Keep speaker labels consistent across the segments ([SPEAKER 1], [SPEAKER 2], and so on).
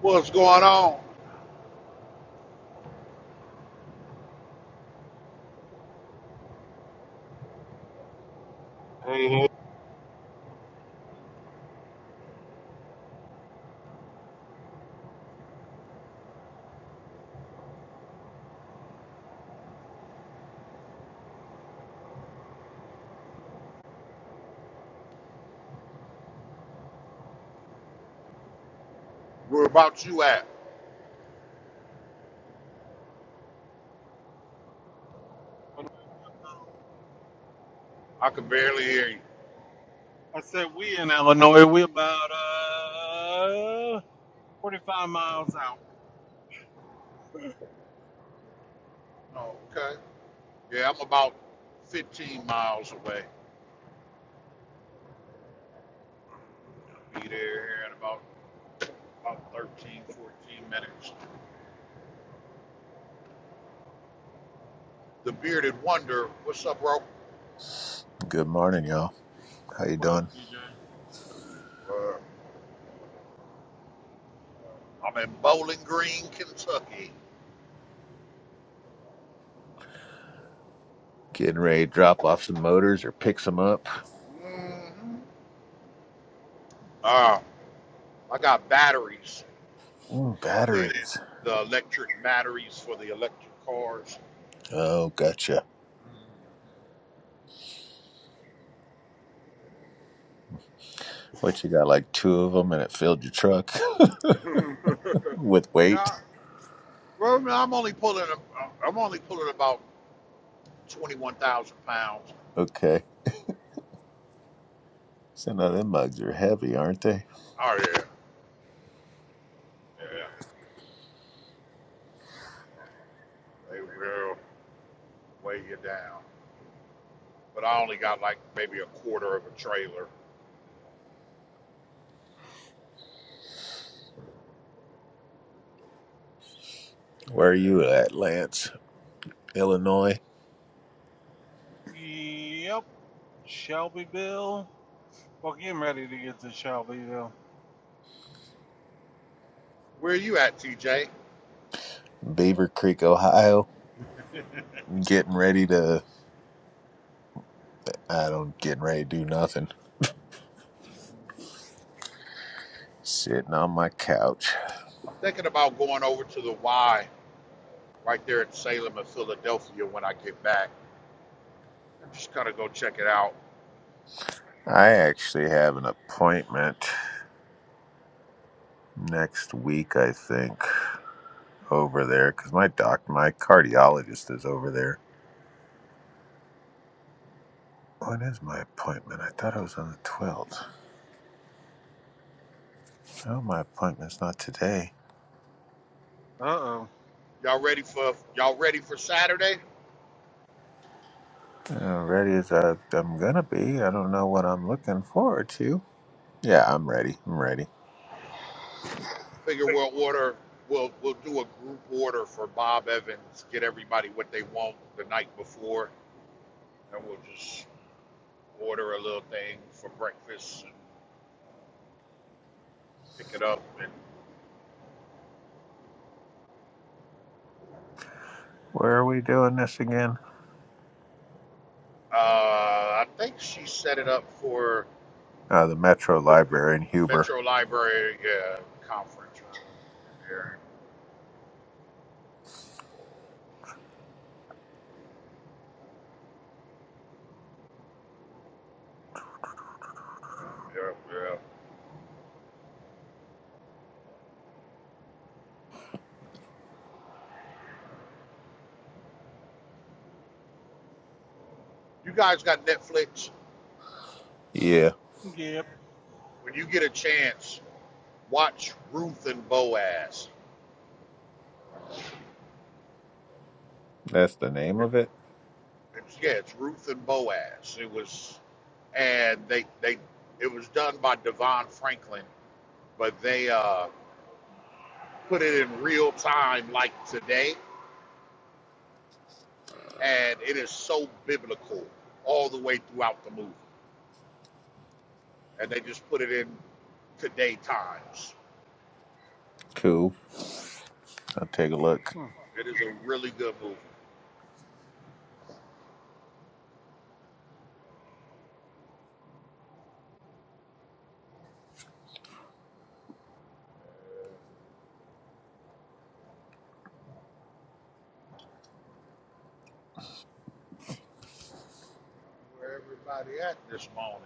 [SPEAKER 1] What's going on?
[SPEAKER 2] Hey, hey,
[SPEAKER 1] Where about you at?
[SPEAKER 2] Illinois.
[SPEAKER 1] I can barely hear you.
[SPEAKER 2] I said we in Illinois. We about uh 45 miles out.
[SPEAKER 1] Oh, okay. Yeah, I'm about 15 miles away. Be there here in about, about 13, 14 minutes. The Bearded Wonder, what's up, bro?
[SPEAKER 3] Good morning, y'all. How you
[SPEAKER 2] What up,
[SPEAKER 3] doing?
[SPEAKER 2] DJ?
[SPEAKER 1] Uh, I'm in Bowling Green, Kentucky.
[SPEAKER 3] Getting ready to drop off some motors or pick some up.
[SPEAKER 1] Mm-hmm. Uh, I got batteries,
[SPEAKER 3] Ooh,
[SPEAKER 1] the,
[SPEAKER 3] batteries.
[SPEAKER 1] the electric batteries for the electric cars.
[SPEAKER 3] Oh, gotcha. What you got? Like two of them, and it filled your truck with weight.
[SPEAKER 1] no, Well, no, I'm only pulling. a- I'm only pulling about twenty-one thousand pounds.
[SPEAKER 3] Okay. So now them mugs are heavy, aren't they?
[SPEAKER 1] Oh yeah, yeah. They will weigh you down. But I only got like maybe a quarter of a trailer.
[SPEAKER 3] Where are
[SPEAKER 1] Yeah.
[SPEAKER 3] you at, Lance? Illinois,
[SPEAKER 2] Yep, Shelbyville. Well, getting ready to get to Shelbyville.
[SPEAKER 1] Where are you at, TJ?
[SPEAKER 3] Beaver Creek, Ohio. Getting ready to. I don't getting ready to do nothing. Sitting on my couch.
[SPEAKER 1] I'm thinking about going over to the Y right there at Salem and Philadelphia when I get back. I'm just gonna go check it out.
[SPEAKER 3] I actually have an appointment next week. I think. over there because my doc, my cardiologist is over there. When is my appointment? I thought it was on the 12th. No, my appointment's not today.
[SPEAKER 2] Uh oh.
[SPEAKER 1] Y'all ready for y'all ready for Saturday?
[SPEAKER 3] Uh, ready as I, I'm gonna be. I don't know what I'm looking forward to. Yeah, I'm ready. I'm ready.
[SPEAKER 1] Figure we'll order, we'll we'll do a group order for Bob Evans. Get everybody what they want the night before, and we'll just order a little thing for breakfast and pick it up. And
[SPEAKER 3] Where are we doing this again?
[SPEAKER 1] uh, I think she set it up for
[SPEAKER 3] Uh, the Metro
[SPEAKER 1] the, the
[SPEAKER 3] Library in Huber.
[SPEAKER 1] Metro Library uh, conference room in there. Yeah, yeah. You guys got Netflix?
[SPEAKER 3] Yeah,
[SPEAKER 2] Yep.
[SPEAKER 1] When you get a chance, watch Ruth and Boaz.
[SPEAKER 3] that's the name
[SPEAKER 1] It
[SPEAKER 3] of it.
[SPEAKER 1] It's, yeah, it's Ruth and Boaz. It was, and they they it was done by Devon Franklin, but they uh, put it in real time like today, and it is so biblical all the way throughout the movie, and they just put it in today times.
[SPEAKER 3] Cool. I'll take a look.
[SPEAKER 2] Hmm.
[SPEAKER 1] It is a really good movie. Where everybody at this morning?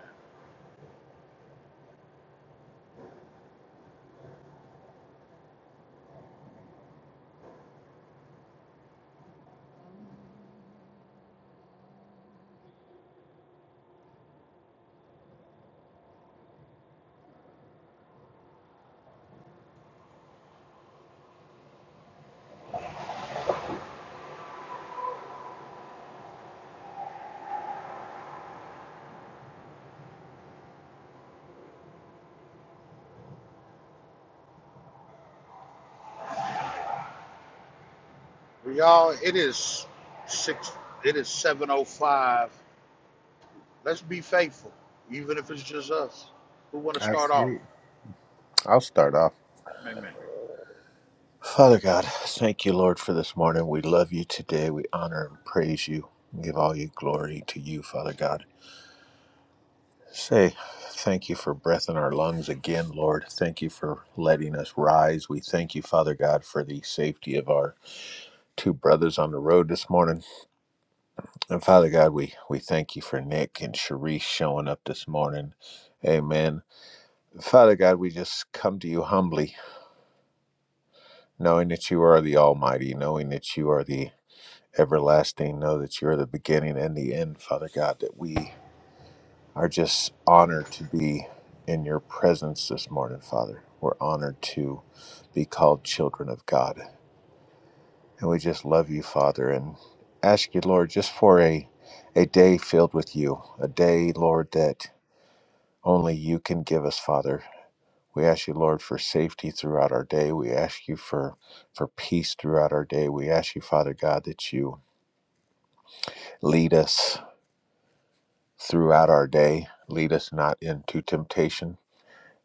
[SPEAKER 1] we all. it is six. It is seven oh five. Let's be faithful, even if it's just us. Who want to start off?
[SPEAKER 3] Absolutely. I'll start off.
[SPEAKER 1] Amen.
[SPEAKER 3] Father God, thank you, Lord, for this morning. We love you today. We honor and praise you and give all your glory to you, Father God. Say thank you for breath in our lungs again, Lord. Thank you for letting us rise. We thank you, Father God, for the safety of our two brothers on the road this morning. And Father God, we, we thank you for Nick and Sharice showing up this morning. Amen. Father God, we just come to you humbly, knowing that you are the Almighty, knowing that you are the everlasting, know that you're the beginning and the end, Father God, that we are just honored to be in your presence this morning, Father. We're honored to be called children of God. And we just love you, Father, and ask you, Lord, just for a, a day filled with you, a day, Lord, that only you can give us, Father. We ask you, Lord, for safety throughout our day. We ask you for, for peace throughout our day. We ask you, Father God, that you lead us throughout our day. Lead us not into temptation,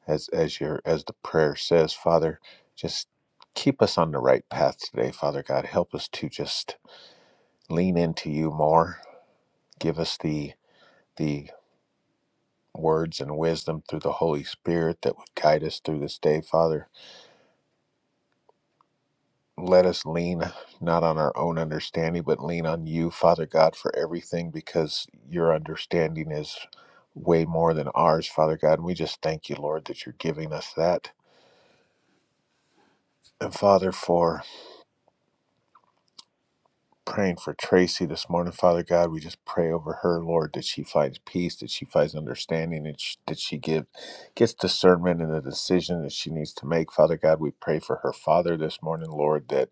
[SPEAKER 3] as as your as the prayer says, Father. Just keep us on the right path today, Father God. Help us to just lean into you more. Give us the the words and wisdom through the Holy Spirit that would guide us through this day, Father. Let us lean not on our own understanding, but lean on you, Father God, for everything, because your understanding is way more than ours, Father God. And we just thank you, Lord, that you're giving us that And Father, for praying for Tracy this morning, Father God, we just pray over her, Lord, that she finds peace, that she finds understanding, and sh- that she give, gets discernment in the decision that she needs to make. Father God, we pray for her father this morning, Lord, that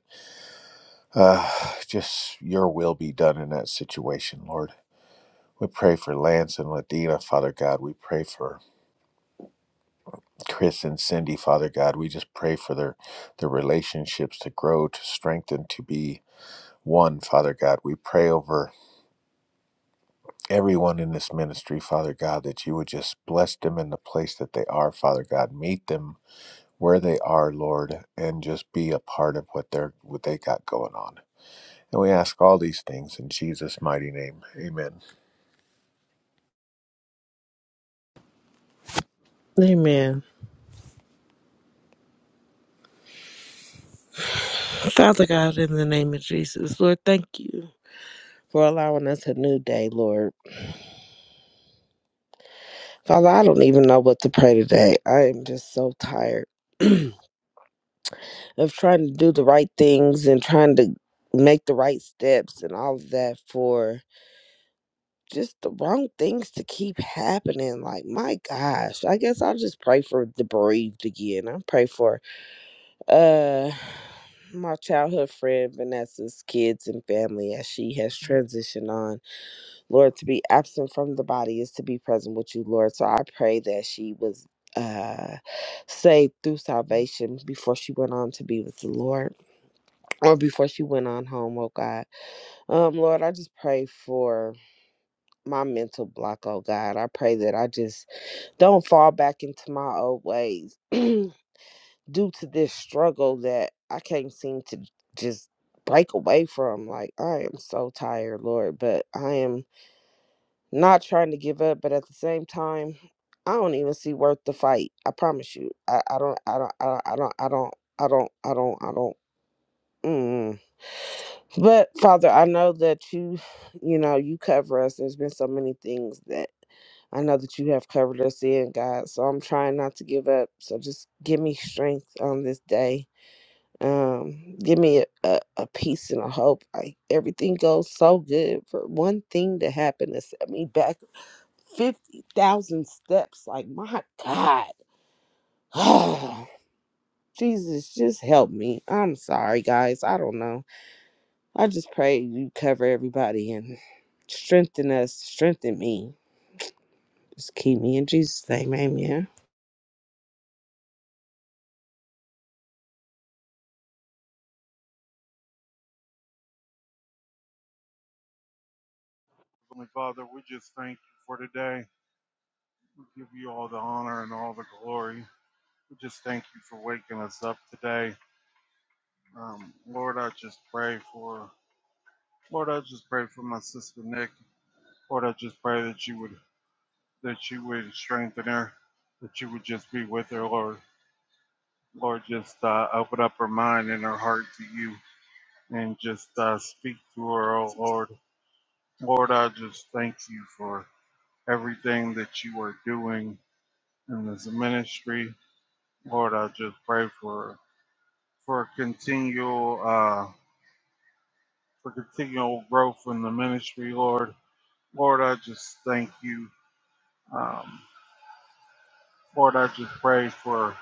[SPEAKER 3] uh, just your will be done in that situation, Lord. We pray for Lance and Ladina, Father God. We pray for Chris and Cindy, Father God. We just pray for their, their relationships to grow, to strengthen, to be one, Father God. We pray over everyone in this ministry, Father God, that you would just bless them in the place that they are, Father God. Meet them where they are, Lord, and just be a part of what they're what they got going on. And we ask all these things in Jesus' mighty name. Amen.
[SPEAKER 4] Amen. Father God, in the name of Jesus, Lord, thank you for allowing us a new day, Lord. Father, I don't even know what to pray today. I am just so tired of trying to do the right things and trying to make the right steps and all of that for just the wrong things to keep happening. Like, my gosh, I guess I'll just pray for the bereaved again. I pray for, uh, my childhood friend Vanessa's kids and family as she has transitioned on Lord, to be absent from the body is to be present with you, Lord. So I pray that she was uh saved through salvation before she went on to be with the Lord or before she went on home, oh God. Um Lord, I just pray for my mental block, oh God. I pray that I just don't fall back into my old ways due to this struggle that I can't seem to just break away from. Like I am so tired, Lord, but I am not trying to give up, but at the same time, I don't even see worth the fight. I promise you. I, I don't I don't I I don't I don't I don't I don't I don't mm. But Father, I know that you you know, you cover us. There's been so many things that I know that you have covered us in, God. So I'm trying not to give up. So just give me strength on this day. Um, give me a, a, a peace and a hope. Like everything goes so good for one thing to happen to set me back 50,000 steps. Like, my God. Oh, Jesus, just help me. I'm sorry, guys. I don't know. I just pray you cover everybody and strengthen us, strengthen me. Just keep me in Jesus' name. Amen.
[SPEAKER 2] Heavenly Father, we just thank you for today. We give you all the honor and all the glory. We just thank you for waking us up today. Um, Lord, I just pray for. Lord, I just pray for my sister Nick. Lord, I just pray that you would that you would strengthen her, that you would just be with her, Lord. Lord, just uh, open up her mind and her heart to you and just uh, speak to her, oh Lord. Lord, I just thank you for everything that you are doing in this ministry. Lord, I just pray for for continual uh, for continual growth in the ministry, Lord. Lord, I just thank you. Um, Lord, I just pray for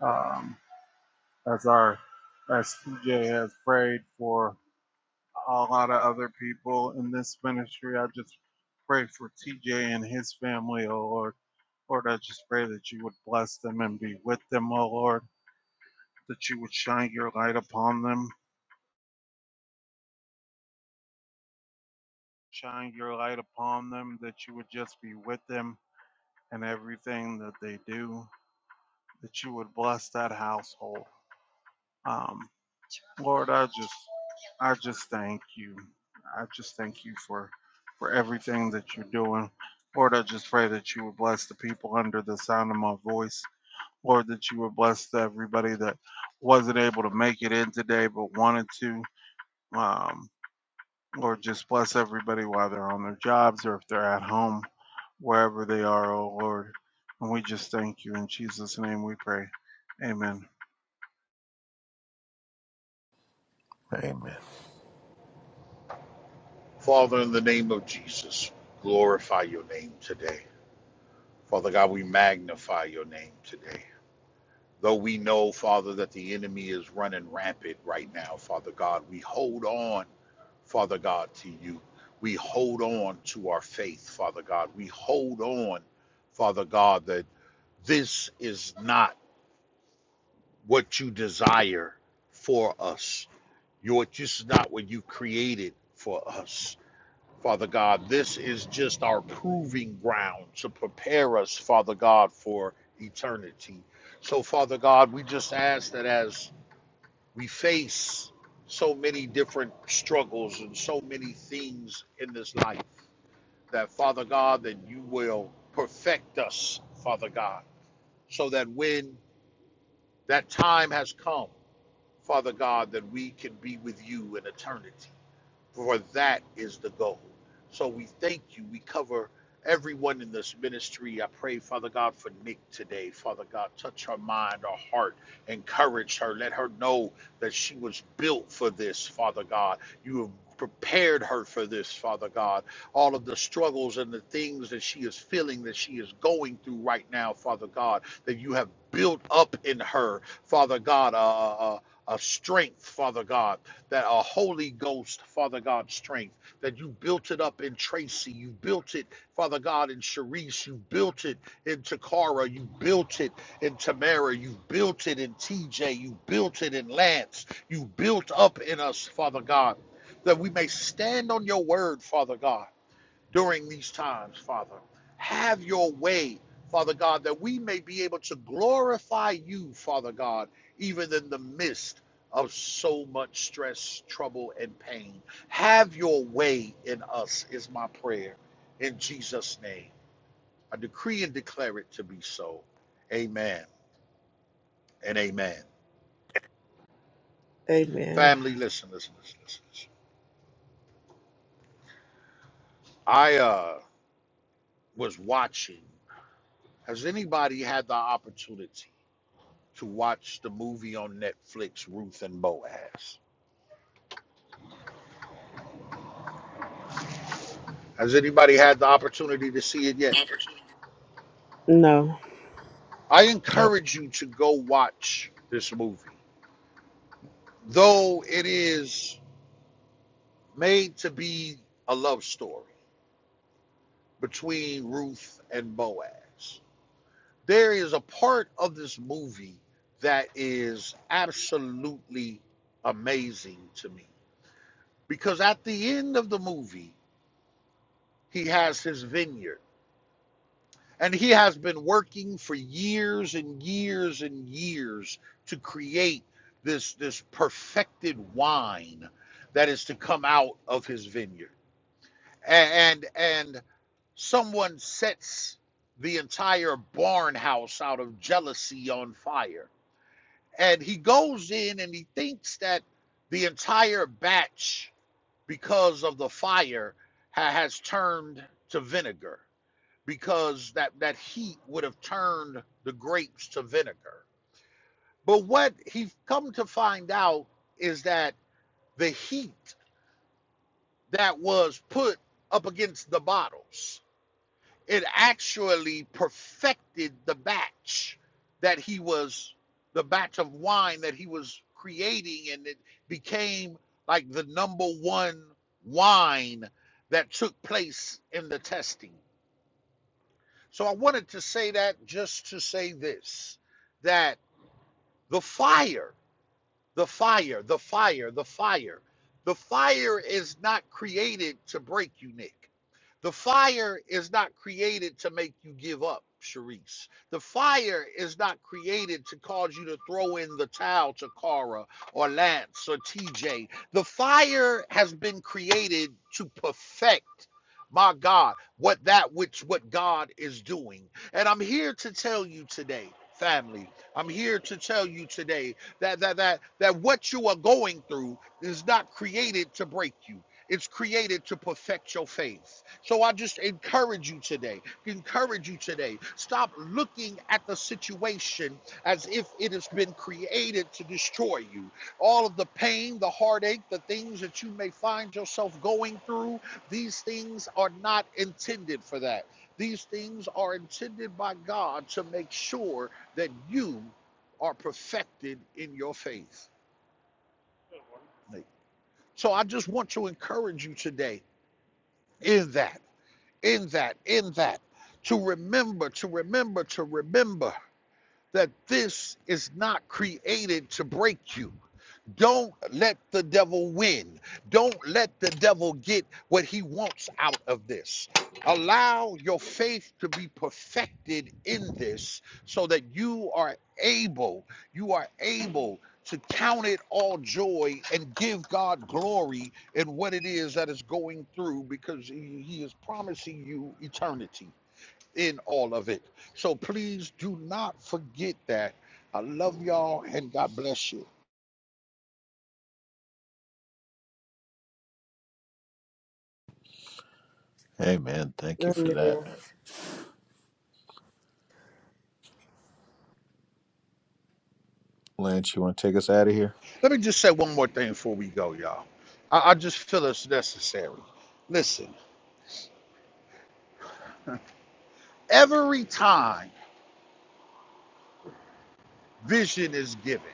[SPEAKER 2] um, as our as PJ has prayed for a lot of other people in this ministry. I just pray for TJ and his family, oh Lord. Lord, I just pray that you would bless them and be with them, oh Lord, that you would shine your light upon them, shine your light upon them, that you would just be with them in everything that they do, that you would bless that household. Um, Lord, I just I just thank you. I just thank you for for everything that you're doing. Lord, I just pray that you would bless the people under the sound of my voice. Lord, that you would bless everybody that wasn't able to make it in today but wanted to. Um, Lord, just bless everybody while they're on their jobs or if they're at home, wherever they are, oh Lord. And we just thank you. In Jesus' name we pray. Amen.
[SPEAKER 3] Amen.
[SPEAKER 1] Father, in the name of Jesus, glorify your name today. Father God, we magnify your name today. Though we know, Father, that the enemy is running rampant right now, Father God, we hold on, Father God, to you. We hold on to our faith, Father God. We hold on, Father God, that this is not what you desire for us. You're just not what you created for us. Father God, this is just our proving ground to prepare us, Father God, for eternity. So, Father God, we just ask that as we face so many different struggles and so many things in this life, that Father God, that you will perfect us, Father God, so that when that time has come, Father God, that we can be with you in eternity for that is the goal. So we thank you. We cover everyone in this ministry. I pray, Father God, for Nick today. Father God, touch her mind, her heart, encourage her. Let her know that she was built for this, Father God. You have prepared her for this, Father God. All of the struggles and the things that she is feeling, that she is going through right now, Father God, that you have built up in her, Father God, a, a, a strength, Father God that are Holy Ghost, Father God, strength, that you built it up in Tracy, you built it, Father God, in Sharice, you built it in Takara, you built it in Tamara, you built it in TJ, you built it in Lance, you built up in us, Father God, that we may stand on your word, Father God during these times, Father. Have your way, Father God, that we may be able to glorify you, Father God, even in the midst of so much stress, trouble, and pain. Have your way in us, is my prayer. In Jesus' name, I decree and declare it to be so. Amen and amen.
[SPEAKER 4] Amen.
[SPEAKER 1] Family, listen, listen, listen, listen. listen. I uh, was watching. Has anybody had the opportunity? to watch the movie on Netflix, Ruth and Boaz. Has anybody had the opportunity to see it yet?
[SPEAKER 4] No.
[SPEAKER 1] I
[SPEAKER 3] Nope.
[SPEAKER 1] encourage you to go watch this movie, though it is made to be a love story between Ruth and Boaz. There is a part of this movie that is absolutely amazing to me because at the end of the movie, he has his vineyard And he has been working for years and years and years to create this this perfected wine that is to come out of his vineyard. And and someone sets the entire barn house out of jealousy on fire. And he goes in and he thinks that the entire batch because of the fire ha- has turned to vinegar because that that heat would have turned the grapes to vinegar. But what he's come to find out is that the heat that was put up against the bottles, it actually perfected the batch that he was the batch of wine that he was creating and it became like the number one wine that took place in the testing. So I wanted to say that just to say this that the fire the fire, the fire, the fire. The fire is not created to break you, Nick. The fire is not created to make you give up, Sharice. The fire is not created to cause you to throw in the towel to Cara or Lance or TJ. The fire has been created to perfect, my God, what that which what God is doing. And I'm here to tell you today, family. I'm here to tell you today that that that that what you are going through is not created to break you. It's created to perfect your faith. So I just encourage you today. Encourage you today. Stop looking at the situation as if it has been created to destroy you. All of the pain, the heartache, the things that you may find yourself going through, these things are not intended for that. These things are intended by God to make sure that you are perfected in your faith. So I just want to encourage you today in that, in that, in that, to remember, to remember, to remember that this is not created to break you. Don't let the devil win. Don't let the devil get what he wants out of this. Allow your faith to be perfected in this so that you are able, you are able to count it all joy and give God glory in what it is that is going through because he he is promising you eternity in all of it. So please do not forget that. I love y'all and God bless you.
[SPEAKER 3] Amen. Thank you for that.
[SPEAKER 4] Amen.
[SPEAKER 3] Lance, you want to take us out of here?
[SPEAKER 1] Let me just say one more thing before we go, y'all. I, I just feel it's necessary. Listen, every time vision is given,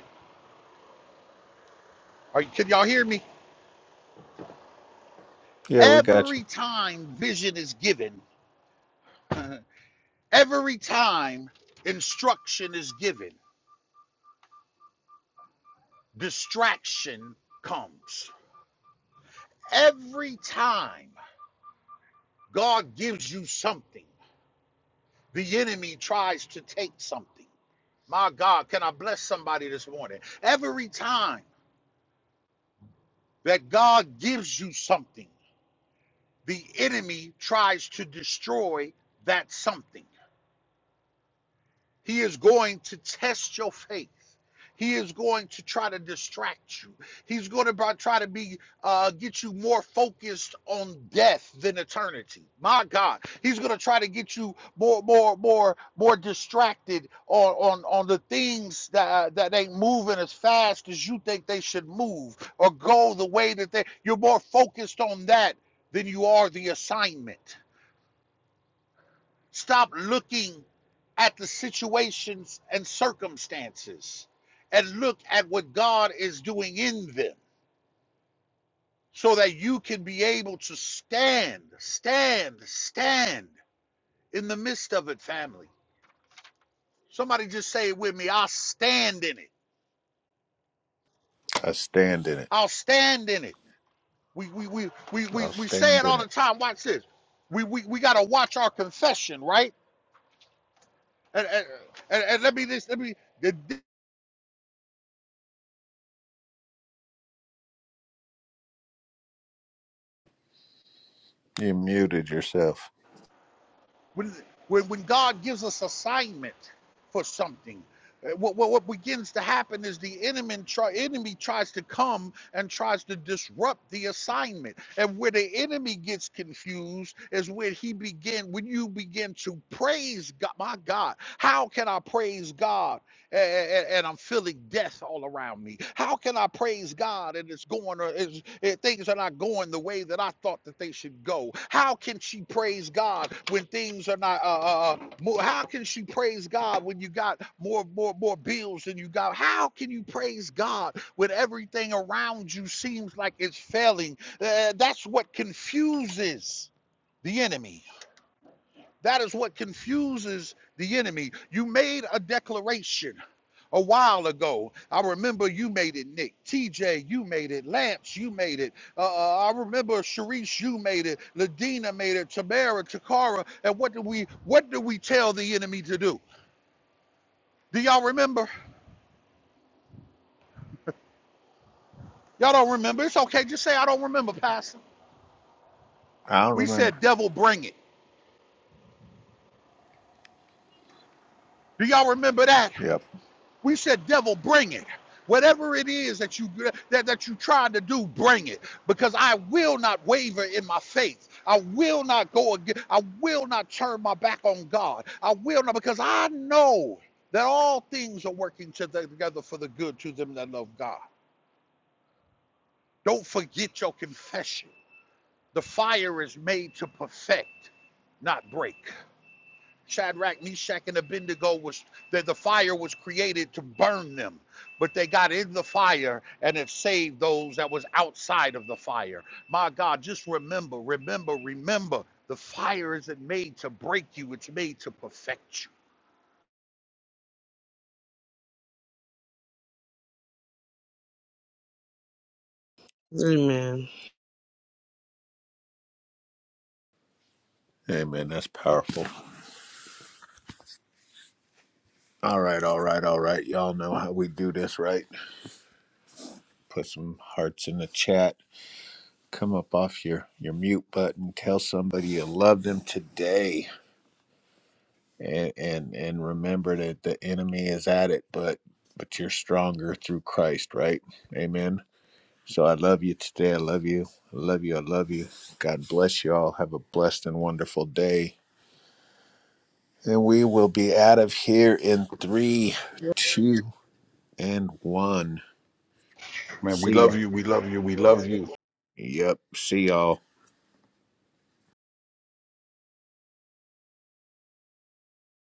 [SPEAKER 1] are you, can y'all hear me?
[SPEAKER 3] Yeah, we got you.
[SPEAKER 1] Every time vision is given, every time instruction is given, distraction comes. Every time God gives you something, the enemy tries to take something. My God, can I bless somebody this morning? Every time. that God gives you something. The enemy tries to destroy that something. He is going to test your faith. He is going to try to distract you. He's going to try to be uh, get you more focused on death than eternity. My God, he's going to try to get you more, more, more, more distracted on on, on the things that uh, that ain't moving as fast as you think they should move or go the way that they. You're more focused on that than you are the assignment. Stop looking at the situations and circumstances and look at what God is doing in them so that you can be able to stand, stand, stand in the midst of it, family. Somebody just say it with me. I'll stand in it.
[SPEAKER 3] I stand in it.
[SPEAKER 1] I'll stand in it. We we we we we,
[SPEAKER 3] I'll
[SPEAKER 1] we say
[SPEAKER 3] stand
[SPEAKER 1] it
[SPEAKER 3] in
[SPEAKER 1] all the
[SPEAKER 3] it.
[SPEAKER 1] time. Watch this. We we, we gotta watch our confession, right? And, and, and and let me this let me
[SPEAKER 3] You muted yourself.
[SPEAKER 1] When, when, when God gives us assignment for something, uh, what, what, what begins to happen is the enemy, try, enemy tries to come and tries to disrupt the assignment. And where the enemy gets confused is when he begin when you begin to praise God. My God, how can I praise God? a- and, I'm feeling death all around me. How can I praise God and it's going or it's, it, things are not going the way that I thought that they should go? How can she praise God when things are not? Uh, uh, uh, more, how can she praise God when you got more, more, more bills than you got? How can you praise God when everything around you seems like it's failing? Uh, that's what confuses the enemy. That is what confuses the enemy. You made a declaration a while ago. I remember you made it, Nick. TJ, you made it. Lance, you made it. Uh, uh, I remember Sharice, you made it. Ladina made it. Tamara, Takara. And what do we what do we tell the enemy to do? Do y'all remember? Y'all don't remember. It's okay. Just say I don't remember, Pastor.
[SPEAKER 3] i don't
[SPEAKER 1] We
[SPEAKER 3] remember.
[SPEAKER 1] said devil bring it. Do y'all remember that?
[SPEAKER 3] Yep.
[SPEAKER 1] We said, devil, bring it. Whatever it is that you that, that you tried to do, bring it. Because I will not waver in my faith. I will not go again. I will not turn my back on God. I will not because I know that all things are working to- together for the good to them that love God. Don't forget your confession. The fire is made to perfect, not break. Shadrach, Meshach, and Abednego was that the fire was created to burn them, but they got in the fire and it saved those that was outside of the fire. My God, just remember, remember, remember, the fire isn't made to break you; it's made to perfect you.
[SPEAKER 4] Amen.
[SPEAKER 3] Amen. That's powerful. All right, all right, all right. Y'all know how we do this, right? Put some hearts in the chat. Come up off your, your mute button. Tell somebody you love them today. And, and and remember that the enemy is at it, but but you're stronger through Christ, right? Amen. So I love you today. I love you. I love you. I love you. God bless you all. Have a blessed and wonderful day. And we will be out of here in three, two, and one.
[SPEAKER 1] Man, we
[SPEAKER 3] See ya.
[SPEAKER 1] love you. We love you. We love you.
[SPEAKER 3] Yep. See y'all.